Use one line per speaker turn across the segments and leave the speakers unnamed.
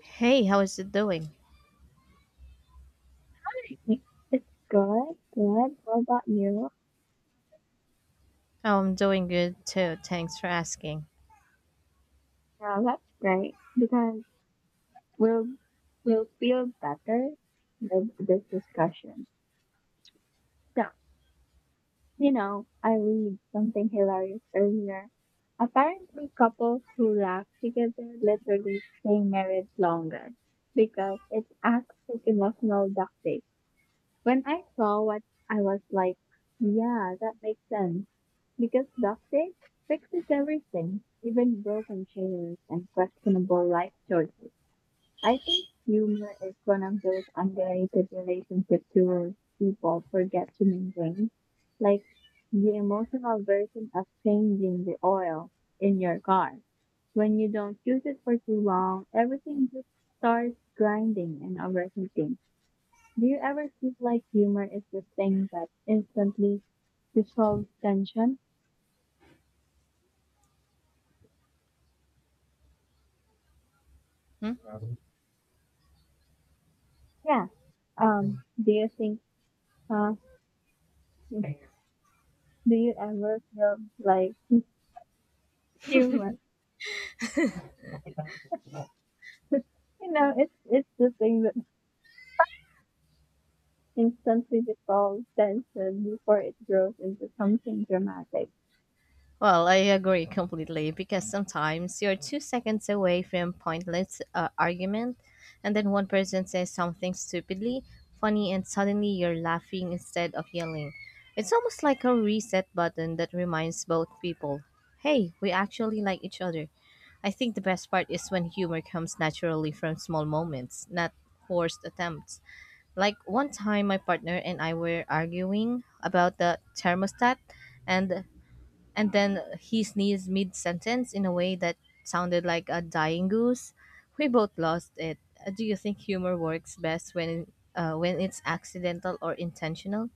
Hey, how is it doing?
It's good, good. How about you?
Oh, I'm doing good too. Thanks for asking.
Yeah, that's great because we'll we'll feel better with this discussion. So, I read something hilarious earlier. Apparently, couples who laugh together literally stay married longer because it acts as emotional duct tape. When I saw what I was like, yeah, that makes sense. Because ducting fixes everything, even broken chairs and questionable life choices. I think humor is one of those underrated relationship tools people forget to maintain. Like the emotional version of changing the oil in your car. When you don't use it for too long, everything just starts grinding and overheating. Do you ever feel like humor is the thing that instantly resolves tension?
Hmm?
Yeah. Do you think, uh, do you ever feel like humor? It's the thing that instantly resolves tension before it grows into something dramatic.
Well, I agree completely because sometimes you're 2 seconds away from pointless argument, and then one person says something stupidly funny, and suddenly you're laughing instead of yelling. It's almost like a reset button that reminds both people, "Hey, we actually like each other." I think the best part is when humor comes naturally from small moments, not forced attempts. Like one time my partner and I were arguing about the thermostat and and then he sneezed mid sentence in a way that sounded like a dying goose. We both lost it. Do you think humor works best when it's accidental or intentional?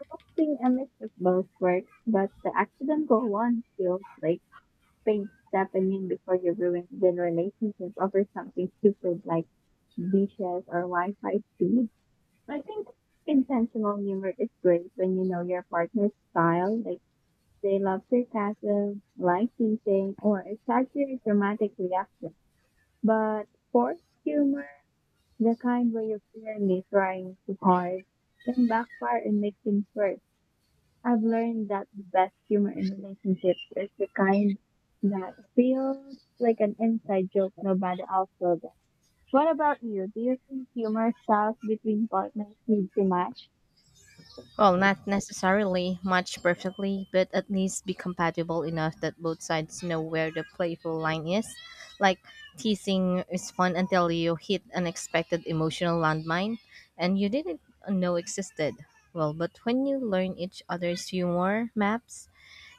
I think a mix of both works, but the accidental one feels like, wait, stepping in before you ruin the relationship over something stupid like dishes or Wi-Fi speed. I think intentional humor is great when you know your partner's style, like they love sarcasm, light teasing, or exaggerated dramatic reactions. But forced humor, the kind where you're clearly trying too hard, can backfire and make things worse. I've learned that the best humor in relationships is the kind that feels like an inside joke nobody else will get. What about you? Do you think humor styles between partners need to match?
Well, not necessarily match perfectly, but at least be compatible enough that both sides know where the playful line is. Like, teasing is fun until you hit an unexpected emotional landmine and you didn't know existed. Well, but when you learn each other's humor maps,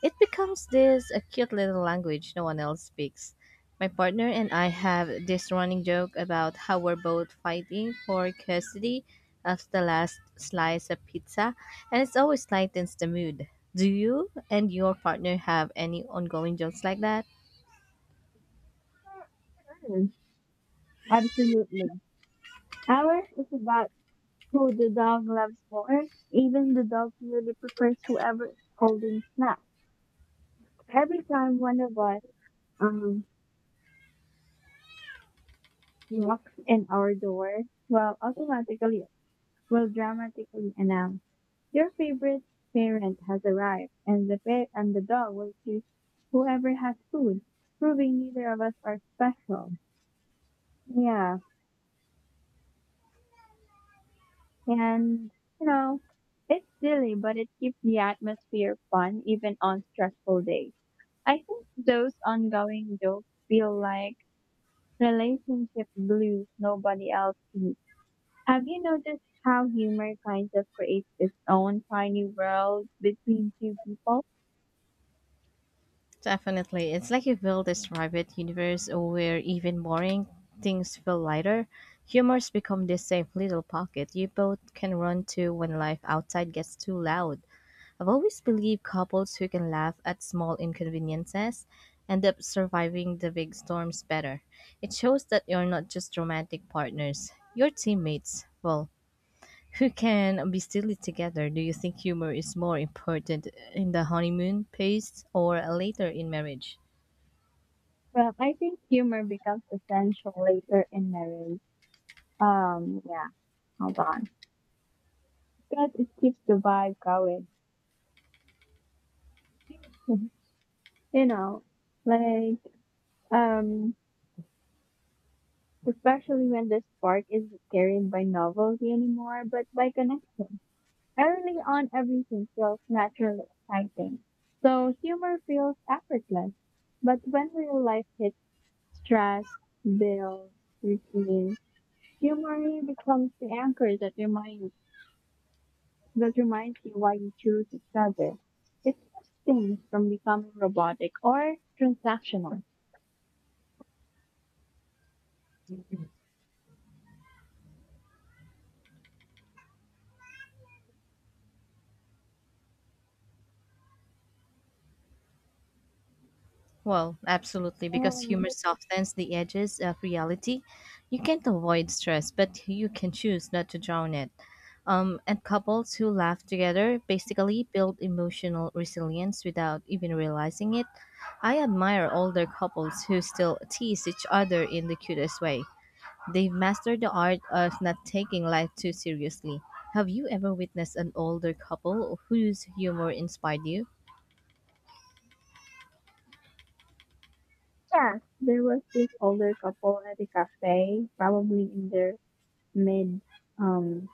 it becomes this a cute little language no one else speaks. My partner and I have this running joke about how we're both fighting for custody of the last slice of pizza, and it always lightens the mood. Do you and your partner have any ongoing jokes like that?
Mm, absolutely. Ours is about who the dog loves more. Even the dog really prefers whoever is holding snacks. Every time one of us um knocks in our door, well, automatically will dramatically announce, "Your favorite parent has arrived," and and the dog will choose whoever has food, proving neither of us are special. Yeah, and you know, it's silly, but it keeps the atmosphere fun even on stressful days. I think those ongoing jokes feel like relationship blues nobody else sees. Have you noticed how humor kind of creates its own tiny world between two people?
Definitely. It's like you build this private universe where even boring things feel lighter. Humors become this safe little pocket you both can run to when life outside gets too loud. I've always believed couples who can laugh at small inconveniences end up surviving the big storms better. It shows that you're not just romantic partners, you're teammates, well, who can be silly together. Do you think humor is more important in the honeymoon phase or later in marriage?
Well, I think humor becomes essential later in marriage. Yeah, hold on. Because it keeps the vibe going. You know, like, um, Especially when the spark isn't carried by novelty anymore, but by connection. Early on, everything feels naturally exciting. So humor feels effortless. But when real life hits stress, bills, routines, humor becomes the anchor that reminds you why you choose each other. It keeps things from becoming robotic or transactional.
Well, absolutely, because
And
humor softens the edges of reality. You can't avoid stress, but you can choose not to drown it. And couples who laugh together basically build emotional resilience without even realizing it. I admire older couples who still tease each other in the cutest way. They've mastered the art of not taking life too seriously. Have you ever witnessed an older couple whose humor inspired you?
yeah, there was this older couple at a cafe, probably in their mid, um,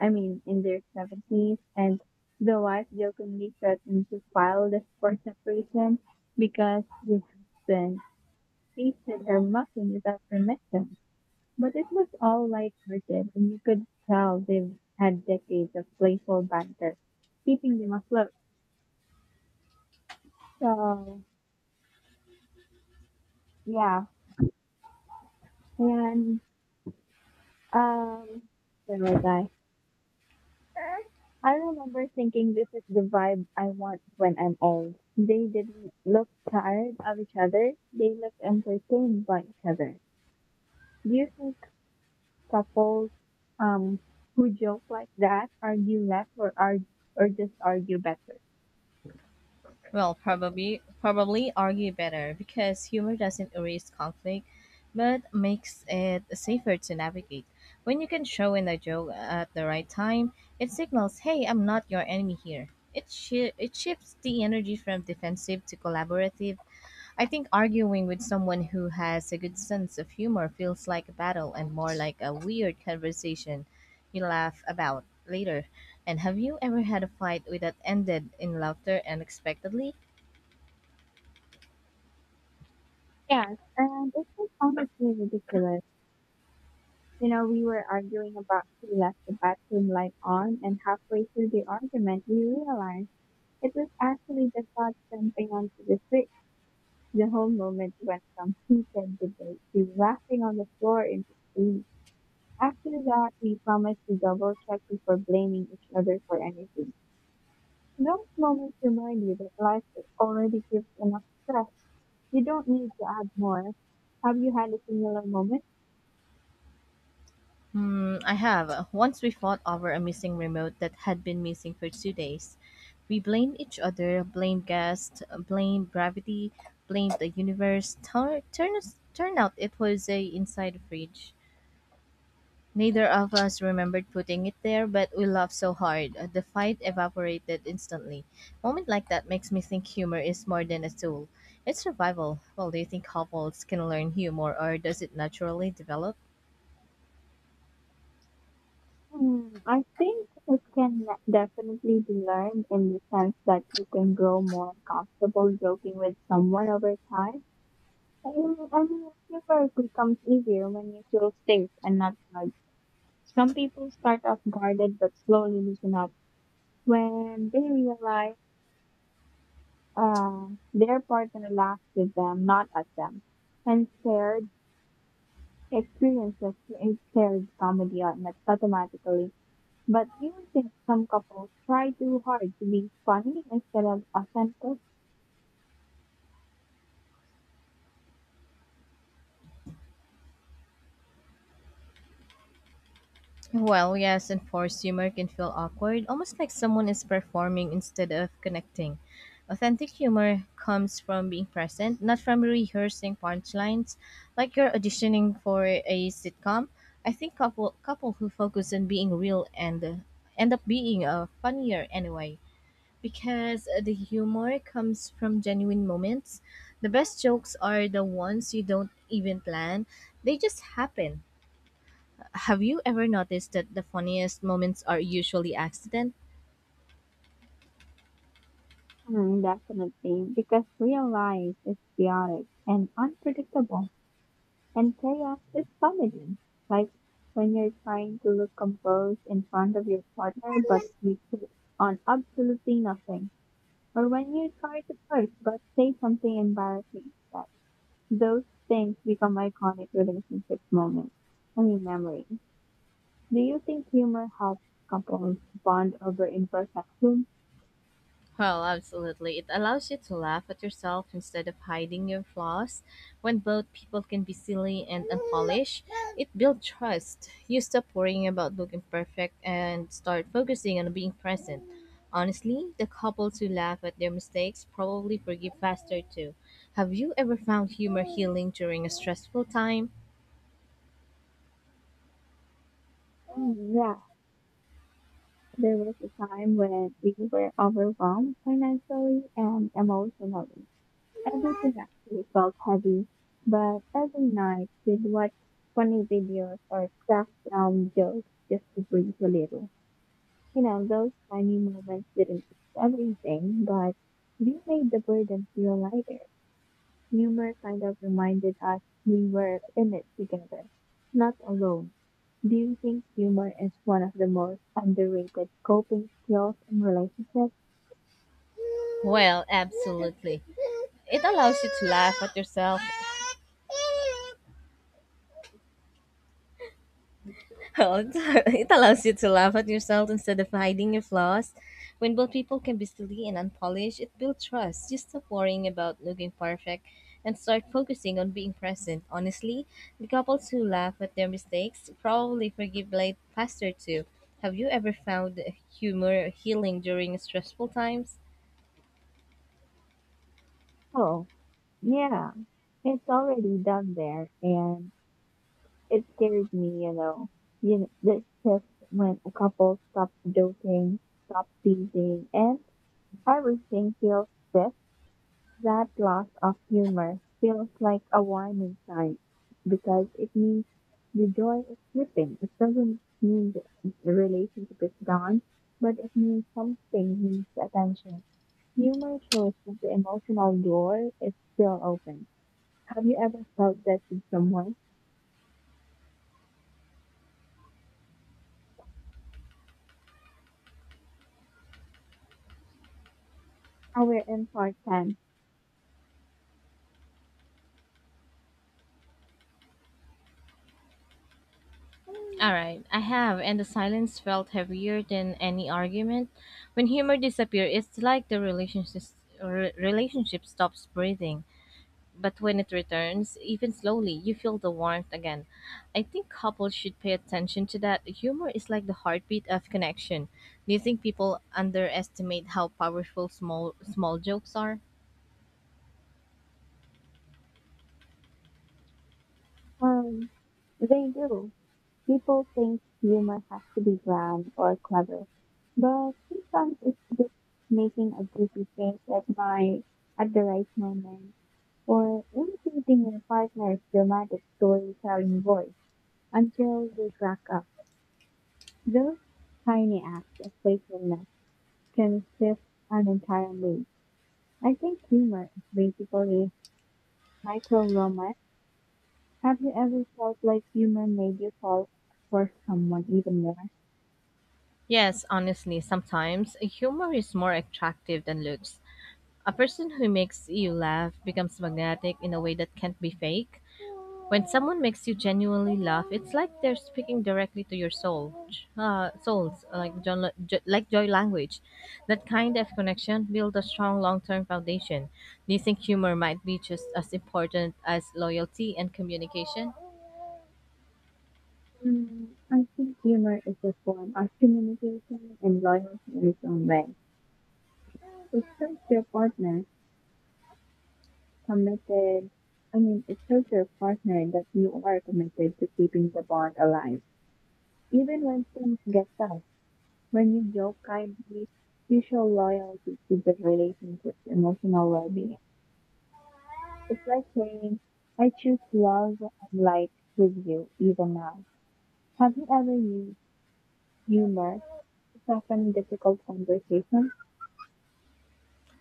in their 70s, and the wife jokingly threatened to file the for separation because the husband tasted her muffin without permission. But it looked all light hearted, and you could tell they've had decades of playful banter, keeping them afloat. So, yeah. And, um, where was I? I remember thinking this is the vibe I want when I'm old. They didn't look tired of each other, they looked entertained by each other. Do you think couples, um, who joke like that argue less, or argue, or just argue better?
Well, probably argue better because humor doesn't erase conflict, but makes it safer to navigate. When you can show in a joke at the right time, it signals, "Hey, I'm not your enemy here." It shifts the energy from defensive to collaborative. I think arguing with someone who has a good sense of humor feels like a battle and more like a weird conversation you laugh about later. And have you ever had a fight that ended in laughter unexpectedly?
Yes, and it was honestly ridiculous. You know, we were arguing about who left the bathroom light on, and halfway through the argument, we realized it was actually the cat jumping onto the switch. The whole moment went from heated debate to laughing on the floor in the. After that, we promised to double check before blaming each other for anything. Those moments remind you that life already gives enough stress. You don't need to add more. Have you had a similar moment?
Hmm, I have. Once we fought over a missing remote that had been missing for 2 days. We blamed each other, blamed guests, blamed gravity, blamed the universe. Turn out it was a inside fridge. Neither of us remembered putting it there, but we laughed so hard. The fight evaporated instantly. Moment like that makes me think humor is more than a tool. It's survival. Well, do you think couples can learn humor or does it naturally develop?
Hmm, I think it can definitely be learned in the sense that you can grow more comfortable joking with someone over time. I mean, humor becomes easier when you feel safe and not judged. Some people start off guarded but slowly loosen up when they realize uh, their partner laughs with them, not at them. And shared experiences create shared comedy automatically. But do you think some couples try too hard to be funny instead of authentic?
Well, yes, and forced humor can feel awkward, almost like someone is performing instead of connecting. Authentic humor comes from being present, not from rehearsing punchlines, like you're auditioning for a sitcom. I think couple who focus on being real and end up being funnier anyway, because the humor comes from genuine moments. The best jokes are the ones you don't even plan; they just happen. Have you ever noticed that the funniest moments are usually accident?
Hmm, definitely, because real life is chaotic and unpredictable, and chaos is comedy. Like when you're trying to look composed in front of your partner, but you put on absolutely nothing, or when you try to flirt but say something embarrassing instead. Those things become iconic relationship moments. I mean, memories. Do you think humor helps couples bond over imperfection?
Well, absolutely. It allows you to laugh at yourself instead of hiding your flaws. When both people can be silly and unpolished, it builds trust. You stop worrying about looking perfect and start focusing on being present. Honestly, the couples who laugh at their mistakes probably forgive faster too. Have you ever found humor healing during a stressful time?
Mm, yeah, there was a time when we were overwhelmed financially and emotionally. Everything actually felt heavy, but every night we'd watch funny videos or crack down jokes just to breathe a little. You know, those tiny moments didn't fix everything, but they made the burden feel lighter. Humor kind of reminded us we were in it together, not alone. Do you think humor is one of the most underrated coping skills in relationships?
Well, absolutely. It allows you to laugh at yourself. It allows you to laugh at yourself instead of hiding your flaws. When both people can be silly and unpolished, it builds trust. Just stop worrying about looking perfect and start focusing on being present. Honestly, the couples who laugh at their mistakes probably forgive late faster too. Have you ever found humor healing during stressful times?
Oh, yeah. It's already done there, and it scared me, you know. You know, the shift when a couple stops joking, stops teasing, and everything feels stiff. That loss of humor feels like a warning sign because it means the joy is slipping. It doesn't mean the relationship is gone, but it means something needs attention. Humor shows that the emotional door is still open. Have you ever felt that with someone? Our in part ten?
All right, I have, and the silence felt heavier than any argument. When humor disappears, it's like the relationship relationship stops breathing. But when it returns, even slowly, you feel the warmth again. I think couples should pay attention to that. Humor is like the heartbeat of connection. Do you think people underestimate how powerful small jokes are?
Um, they do. People think humor has to be grand or clever, but sometimes it's just making a goofy face at my at the right moment or imitating your partner's dramatic storytelling voice until they crack up. Those tiny acts of playfulness can shift an entire mood. I think humor is basically micro romance. Have you ever felt like humor made you fall for someone even more?
Yes, honestly, sometimes humor is more attractive than looks. A person who makes you laugh becomes magnetic in a way that can't be fake. When someone makes you genuinely laugh, it's like they're speaking directly to your soul, souls, like like joy language. That kind of connection builds a strong long-term foundation. Do you think humor might be just as important as loyalty and communication?
Mm, I think humor is a form of communication and loyalty in its own way. It shows your partner committed, it shows your partner that you are committed to keeping the bond alive. Even when things get tough, when you joke kindly, you show loyalty to the relationship's emotional well being. It's like saying, I choose love and light with you even now. Have you ever used humor to soften difficult conversations?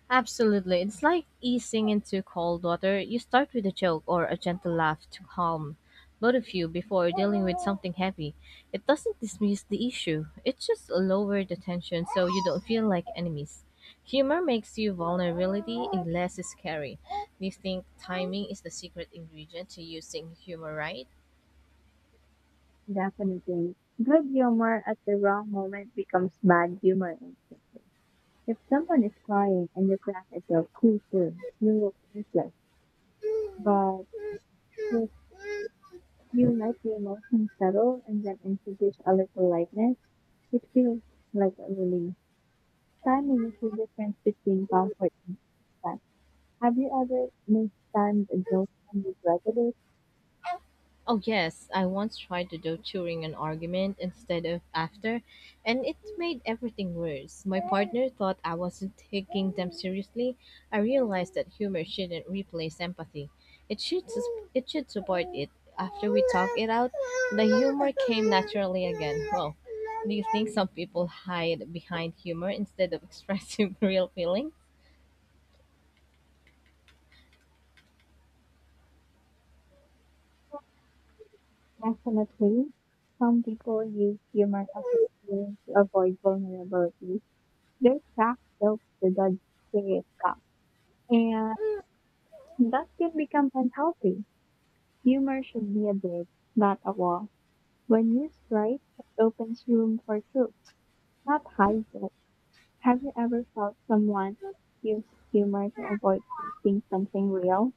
Absolutely. It's like easing into cold water. You start with a joke or a gentle laugh to calm both of you before dealing with something heavy. It doesn't dismiss the issue, it just lowers the tension so you don't feel like enemies. Humor makes you vulnerability and less scary. Do you think timing is the secret ingredient to using humor right?
Definitely. Good humor at the wrong moment becomes bad humor. If someone is crying and you crack yourself too soon, you look useless. But if you let the emotion settle and then introduce a little lightness, it feels like a relief. Timing is the difference between comfort and suspense. Have you ever mistimed a joke and regretted it?
Oh, yes, I once tried to do during an argument instead of after, and it made everything worse. My partner thought I wasn't taking them seriously. I realized that humor shouldn't replace empathy. It should support it. After we talked it out, the humor came naturally again. Well, do you think some people hide behind humor instead of expressing real feeling?
Definitely. Some people use humor as a tool to avoid vulnerability. Their crack builds to the serious cup, and that can become unhealthy. Humor should be a bridge, not a wall. When used right, it opens room for truth, not hides it. Have you ever felt someone use humor to avoid facing something real?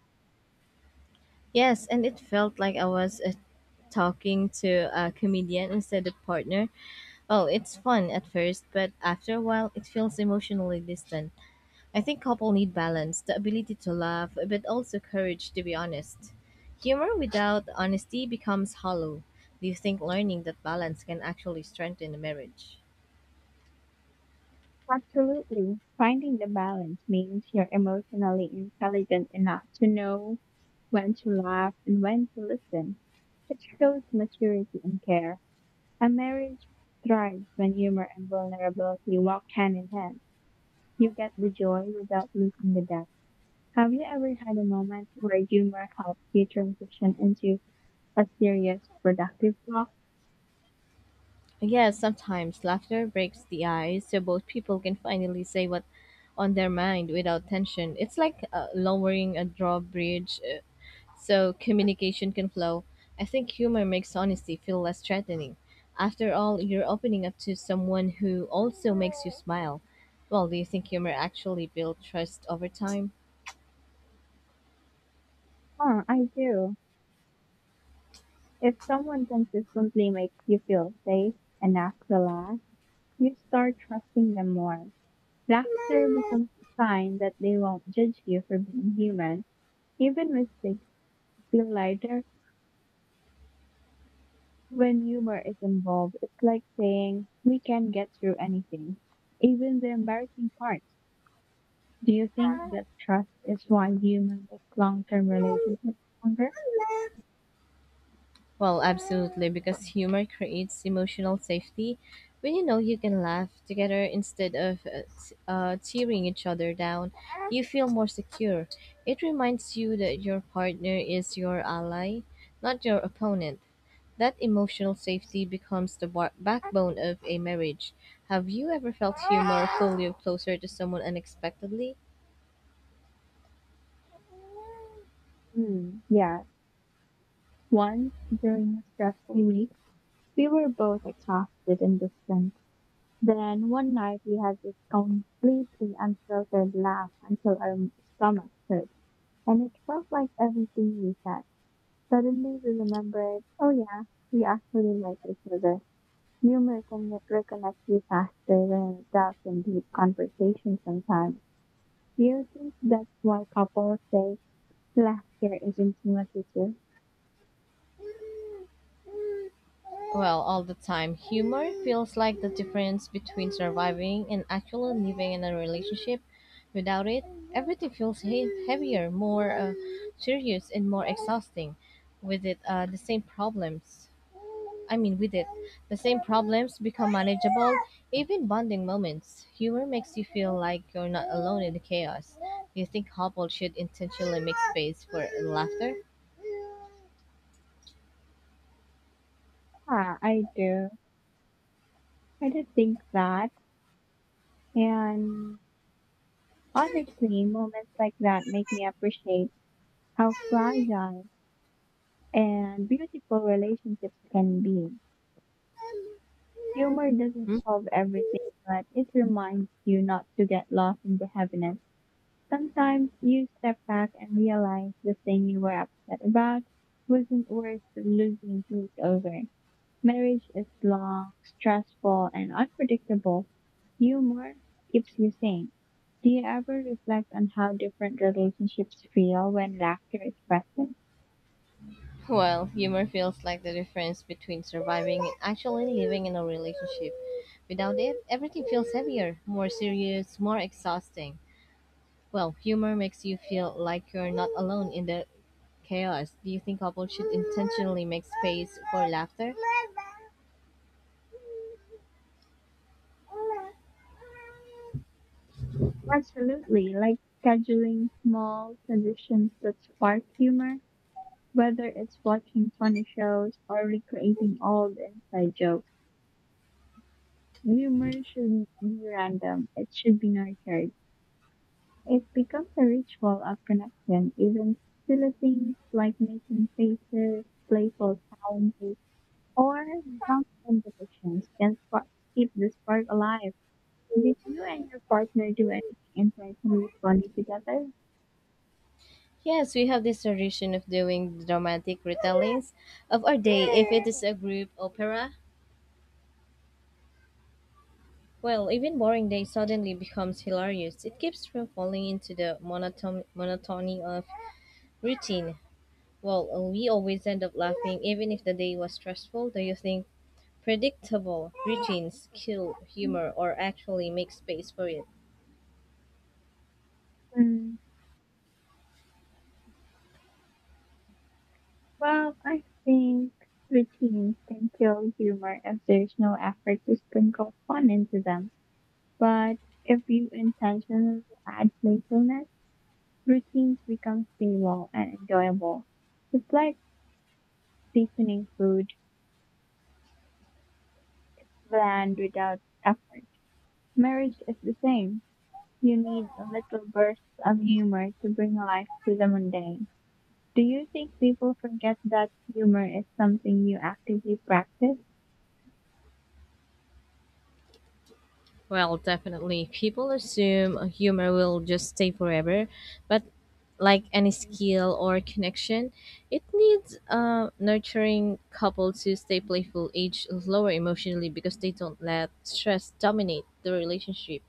Yes, and it felt like I was talking to a comedian instead of partner. Oh, it's fun at first, but after a while, it feels emotionally distant. I think couple need balance, the ability to laugh, but also courage to be honest. Humor without honesty becomes hollow. Do you think learning that balance can actually strengthen a marriage?
Absolutely. Finding the balance means you're emotionally intelligent enough to know when to laugh and when to listen. It shows maturity and care. A marriage thrives when humor and vulnerability walk hand in hand. You get the joy without losing the depth. Have you ever had a moment where humor helped you transition into a serious, productive talk?
Yes, sometimes laughter breaks the ice so both people can finally say what on their mind without tension. It's like lowering a drawbridge so communication can flow. I think humor makes honesty feel less threatening. After all, you're opening up to someone who also makes you smile. Well, do you think humor actually builds trust over time?
Huh, I do. If someone consistently makes you feel safe enough to laugh, you start trusting them more. Laughter becomes a sign that they won't judge you for being human. Even mistakes feel lighter. When humor is involved, it's like saying, we can get through anything, even the embarrassing parts. Do you think that trust is why humor makes long term relationships longer?
Well, absolutely, because humor creates emotional safety. When you know you can laugh together instead of tearing each other down, you feel more secure. It reminds you that your partner is your ally, not your opponent. That emotional safety becomes the backbone of a marriage. Have you ever felt humor pull you closer to someone unexpectedly?
Hmm, yeah. Once, during a stressful week, we were both exhausted and distant. Then one night we had this completely unfiltered laugh until our stomachs hurt, and it felt like everything we said. Suddenly we remembered, oh yeah, we actually like each other. Humor can reconnect you faster than a depth in deep conversation sometimes. Do you think that's why couples say laughter is intimacy too?
Well, all the time, humor feels like the difference between surviving and actually living in a relationship. Without it, everything feels heavier, more serious, and more exhausting. With it, uh, the same problems. With it, the same problems become manageable, even bonding moments. Humor makes you feel like you're not alone in the chaos. Do you think couples should intentionally make space for laughter?
Ah, I do. I do think that. And honestly, moments like that make me appreciate how fragile and beautiful relationships can be. Humor doesn't
Hmm?
solve everything, but it reminds you not to get lost in the heaviness. Sometimes you step back and realize the thing you were upset about wasn't worth losing sleep over. Marriage is long, stressful, and unpredictable. Humor keeps you sane. Do you ever reflect on how different relationships feel when laughter is present?
Well, humor feels like the difference between surviving and actually living in a relationship. Without it, everything feels heavier, more serious, more exhausting. Well, humor makes you feel like you're not alone in the chaos. Do you think couples should intentionally make space for laughter?
Absolutely, like scheduling small traditions that spark humor, whether it's watching funny shows or recreating old inside jokes. Humor you be random. It should be nurtured. It becomes a ritual of connection. Even silly things like making faces, playful challenges, or dance competitions can spark, keep the spark alive. Did you and your partner do anything intentionally funny together?
Yes, we have this tradition of doing dramatic retellings of our day. If it is a group opera, well, even boring day suddenly becomes hilarious. It keeps from falling into the monotony of routine. Well, we always end up laughing even if the day was stressful. Do you think predictable routines kill humor or actually make space for it?
Hmm. Well, I think routines can kill humor if there's no effort to sprinkle fun into them. But if you intentionally add playfulness, routines become stable and enjoyable. It's like seasoning food. It's bland without effort. Marriage is the same. You need a little burst of humor to bring life to the mundane. Do you think people forget that humor is something you actively practice?
Well, definitely. People assume a humor will just stay forever, but like any skill or connection, it needs a nurturing couple to stay playful, age lower emotionally because they don't let stress dominate the relationship.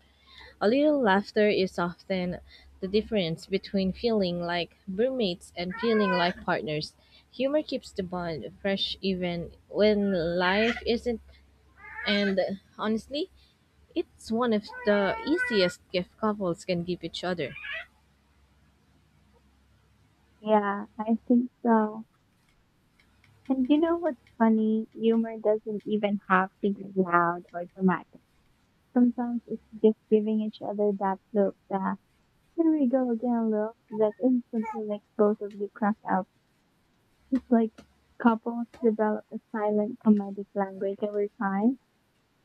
A little laughter is often the difference between feeling like roommates and feeling like partners. Humor keeps the bond fresh even when life isn't, and honestly, it's one of the easiest gift couples can give each other.
Yeah, I think so. And you know what's funny? Humor doesn't even have to be loud or dramatic. Sometimes it's just giving each other that look that, here we go again, love. That instantly makes both of you crack up. It's like couples develop a silent comedic language every time.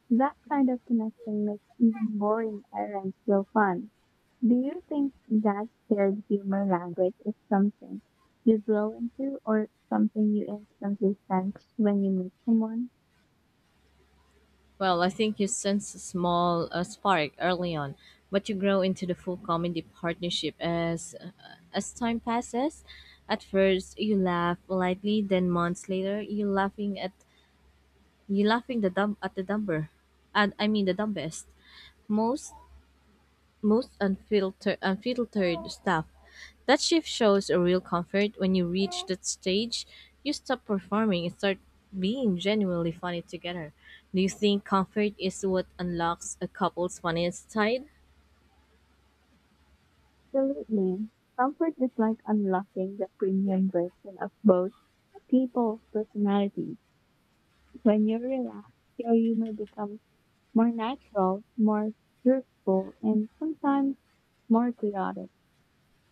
That kind of connection makes even boring errands feel fun. Do you think that shared humor language is something you grow into or something you instantly sense when you meet someone?
Well, I think you sense a small spark early on, but you grow into the full comedy partnership as time passes. At first, you laugh lightly, then months later, you're laughing at You laughing the dumb at the dumber, and I mean the dumbest, most most unfiltered stuff. That shift shows a real comfort when you reach that stage. You stop performing and start being genuinely funny together. Do you think comfort is what unlocks a couple's funniest side?
Absolutely. Comfort is like unlocking the premium version of both people's personalities. When you relax, your humor becomes more natural, more truthful, and sometimes more chaotic.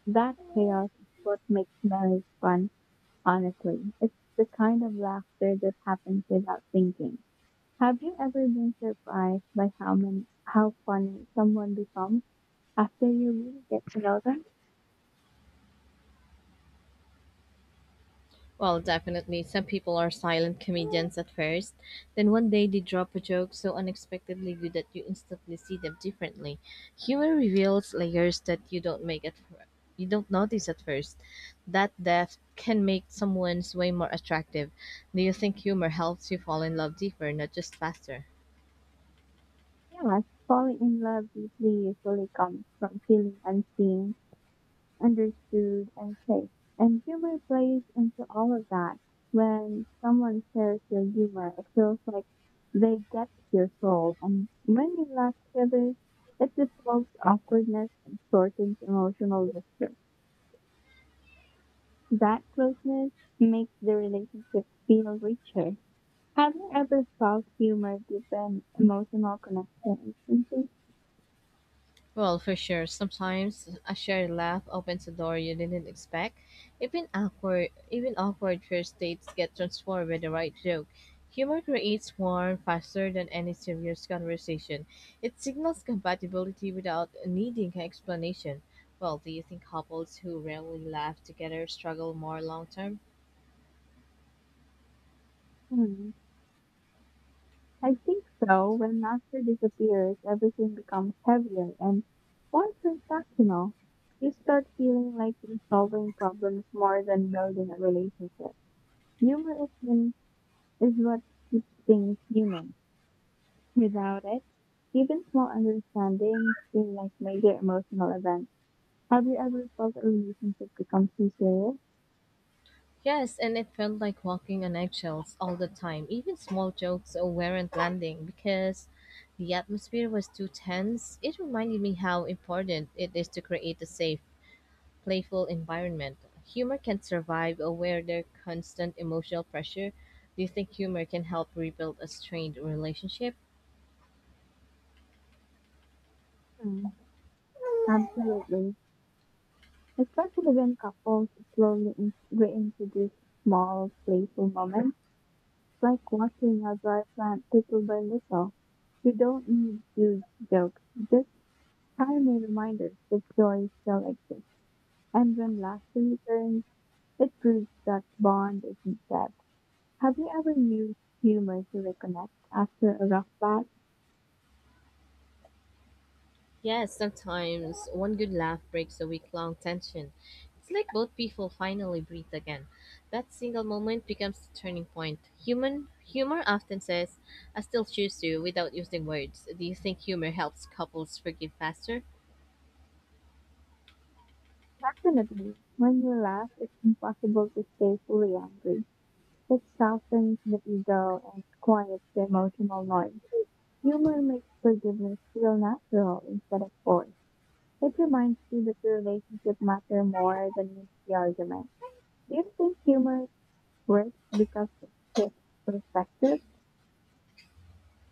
That chaos is what makes marriage fun, honestly. It's the kind of laughter that happens without thinking. Have you ever been surprised by how funny someone becomes after you really get to know them?
Well, definitely. Some people are silent comedians at first. Then one day they drop a joke so unexpectedly good that you instantly see them differently. Humor reveals layers that you don't notice at first. That depth can make someone's way more attractive. Do you think humor helps you fall in love deeper, not just faster?
Yes, falling in love deeply usually comes from feeling unseen understood, and safe. And humor plays into all of that. When someone shares your humor, it feels like they get your soul. And when you laugh together, it dissolves awkwardness and shortens emotional distance. That closeness makes the relationship feel richer. Have you ever felt humor deepen emotional connection instantly?
Well, for sure, sometimes a shared laugh opens a door you didn't expect. Even awkward first dates get transformed with the right joke. Humor creates warmth faster than any serious conversation. It signals compatibility without needing explanation. Well, do you think couples who rarely laugh together struggle more long term?
Hmm. I think so. When Napster disappears, everything becomes heavier, and once you're transactional, you start feeling like you're solving problems more than building a relationship. Humor is, when, is what keeps things human. Without it, even small understandings feel like major emotional events. Have you ever felt a relationship become too serious?
Yes, and it felt like walking on eggshells all the time. Even small jokes weren't landing because the atmosphere was too tense. It reminded me how important it is to create a safe, playful environment. Humor can survive where there's constant emotional pressure. Do you think humor can help rebuild a strained relationship?
Mm, absolutely. Especially when couples slowly reintroduce small, playful moments. It's like watching a dry plant settle by little. You don't need huge jokes, just tiny reminders that joy still exists. And when laughter returns, it proves that bond isn't dead. Have you ever used humor to reconnect after a rough patch?
Yes, sometimes one good laugh breaks a week long tension. It's like both people finally breathe again. That single moment becomes the turning point. Human humor often says, I still choose you without using words. Do you think humor helps couples forgive faster?
Definitely. When you laugh, it's impossible to stay fully angry. It softens the ego and quiets the emotional noise. Humor makes forgiveness feel natural instead of forced. It reminds you that the relationship matter more than winning the argument. Do you think humor works because it shifts perspective?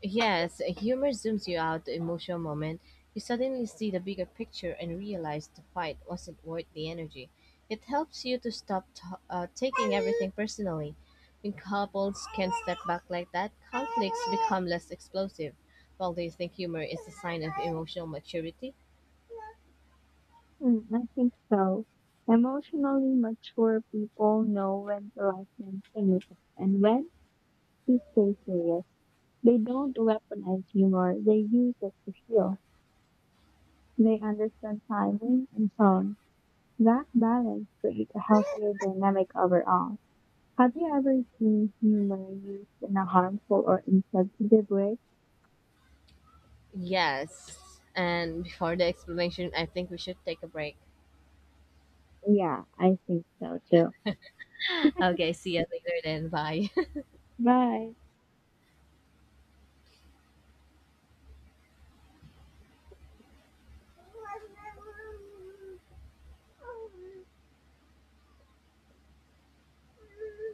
Yes, humor zooms you out the emotional moment. You suddenly see the bigger picture and realize the fight wasn't worth the energy. It helps you to stop taking everything personally. When couples can step back like that, conflicts become less explosive. Well, do you think humor is a sign of emotional maturity?
Hmm, I think so. Emotionally mature people know when to laugh and innocent and when to stay serious. They don't weaponize humor, they use it to heal. They understand timing and tone. That balance creates a healthier dynamic overall. Have you ever seen humor used in a harmful or insensitive way?
Yes. And before the explanation, I think we should take a break.
Yeah, I think so too.
Okay, see you later then. Bye.
Bye.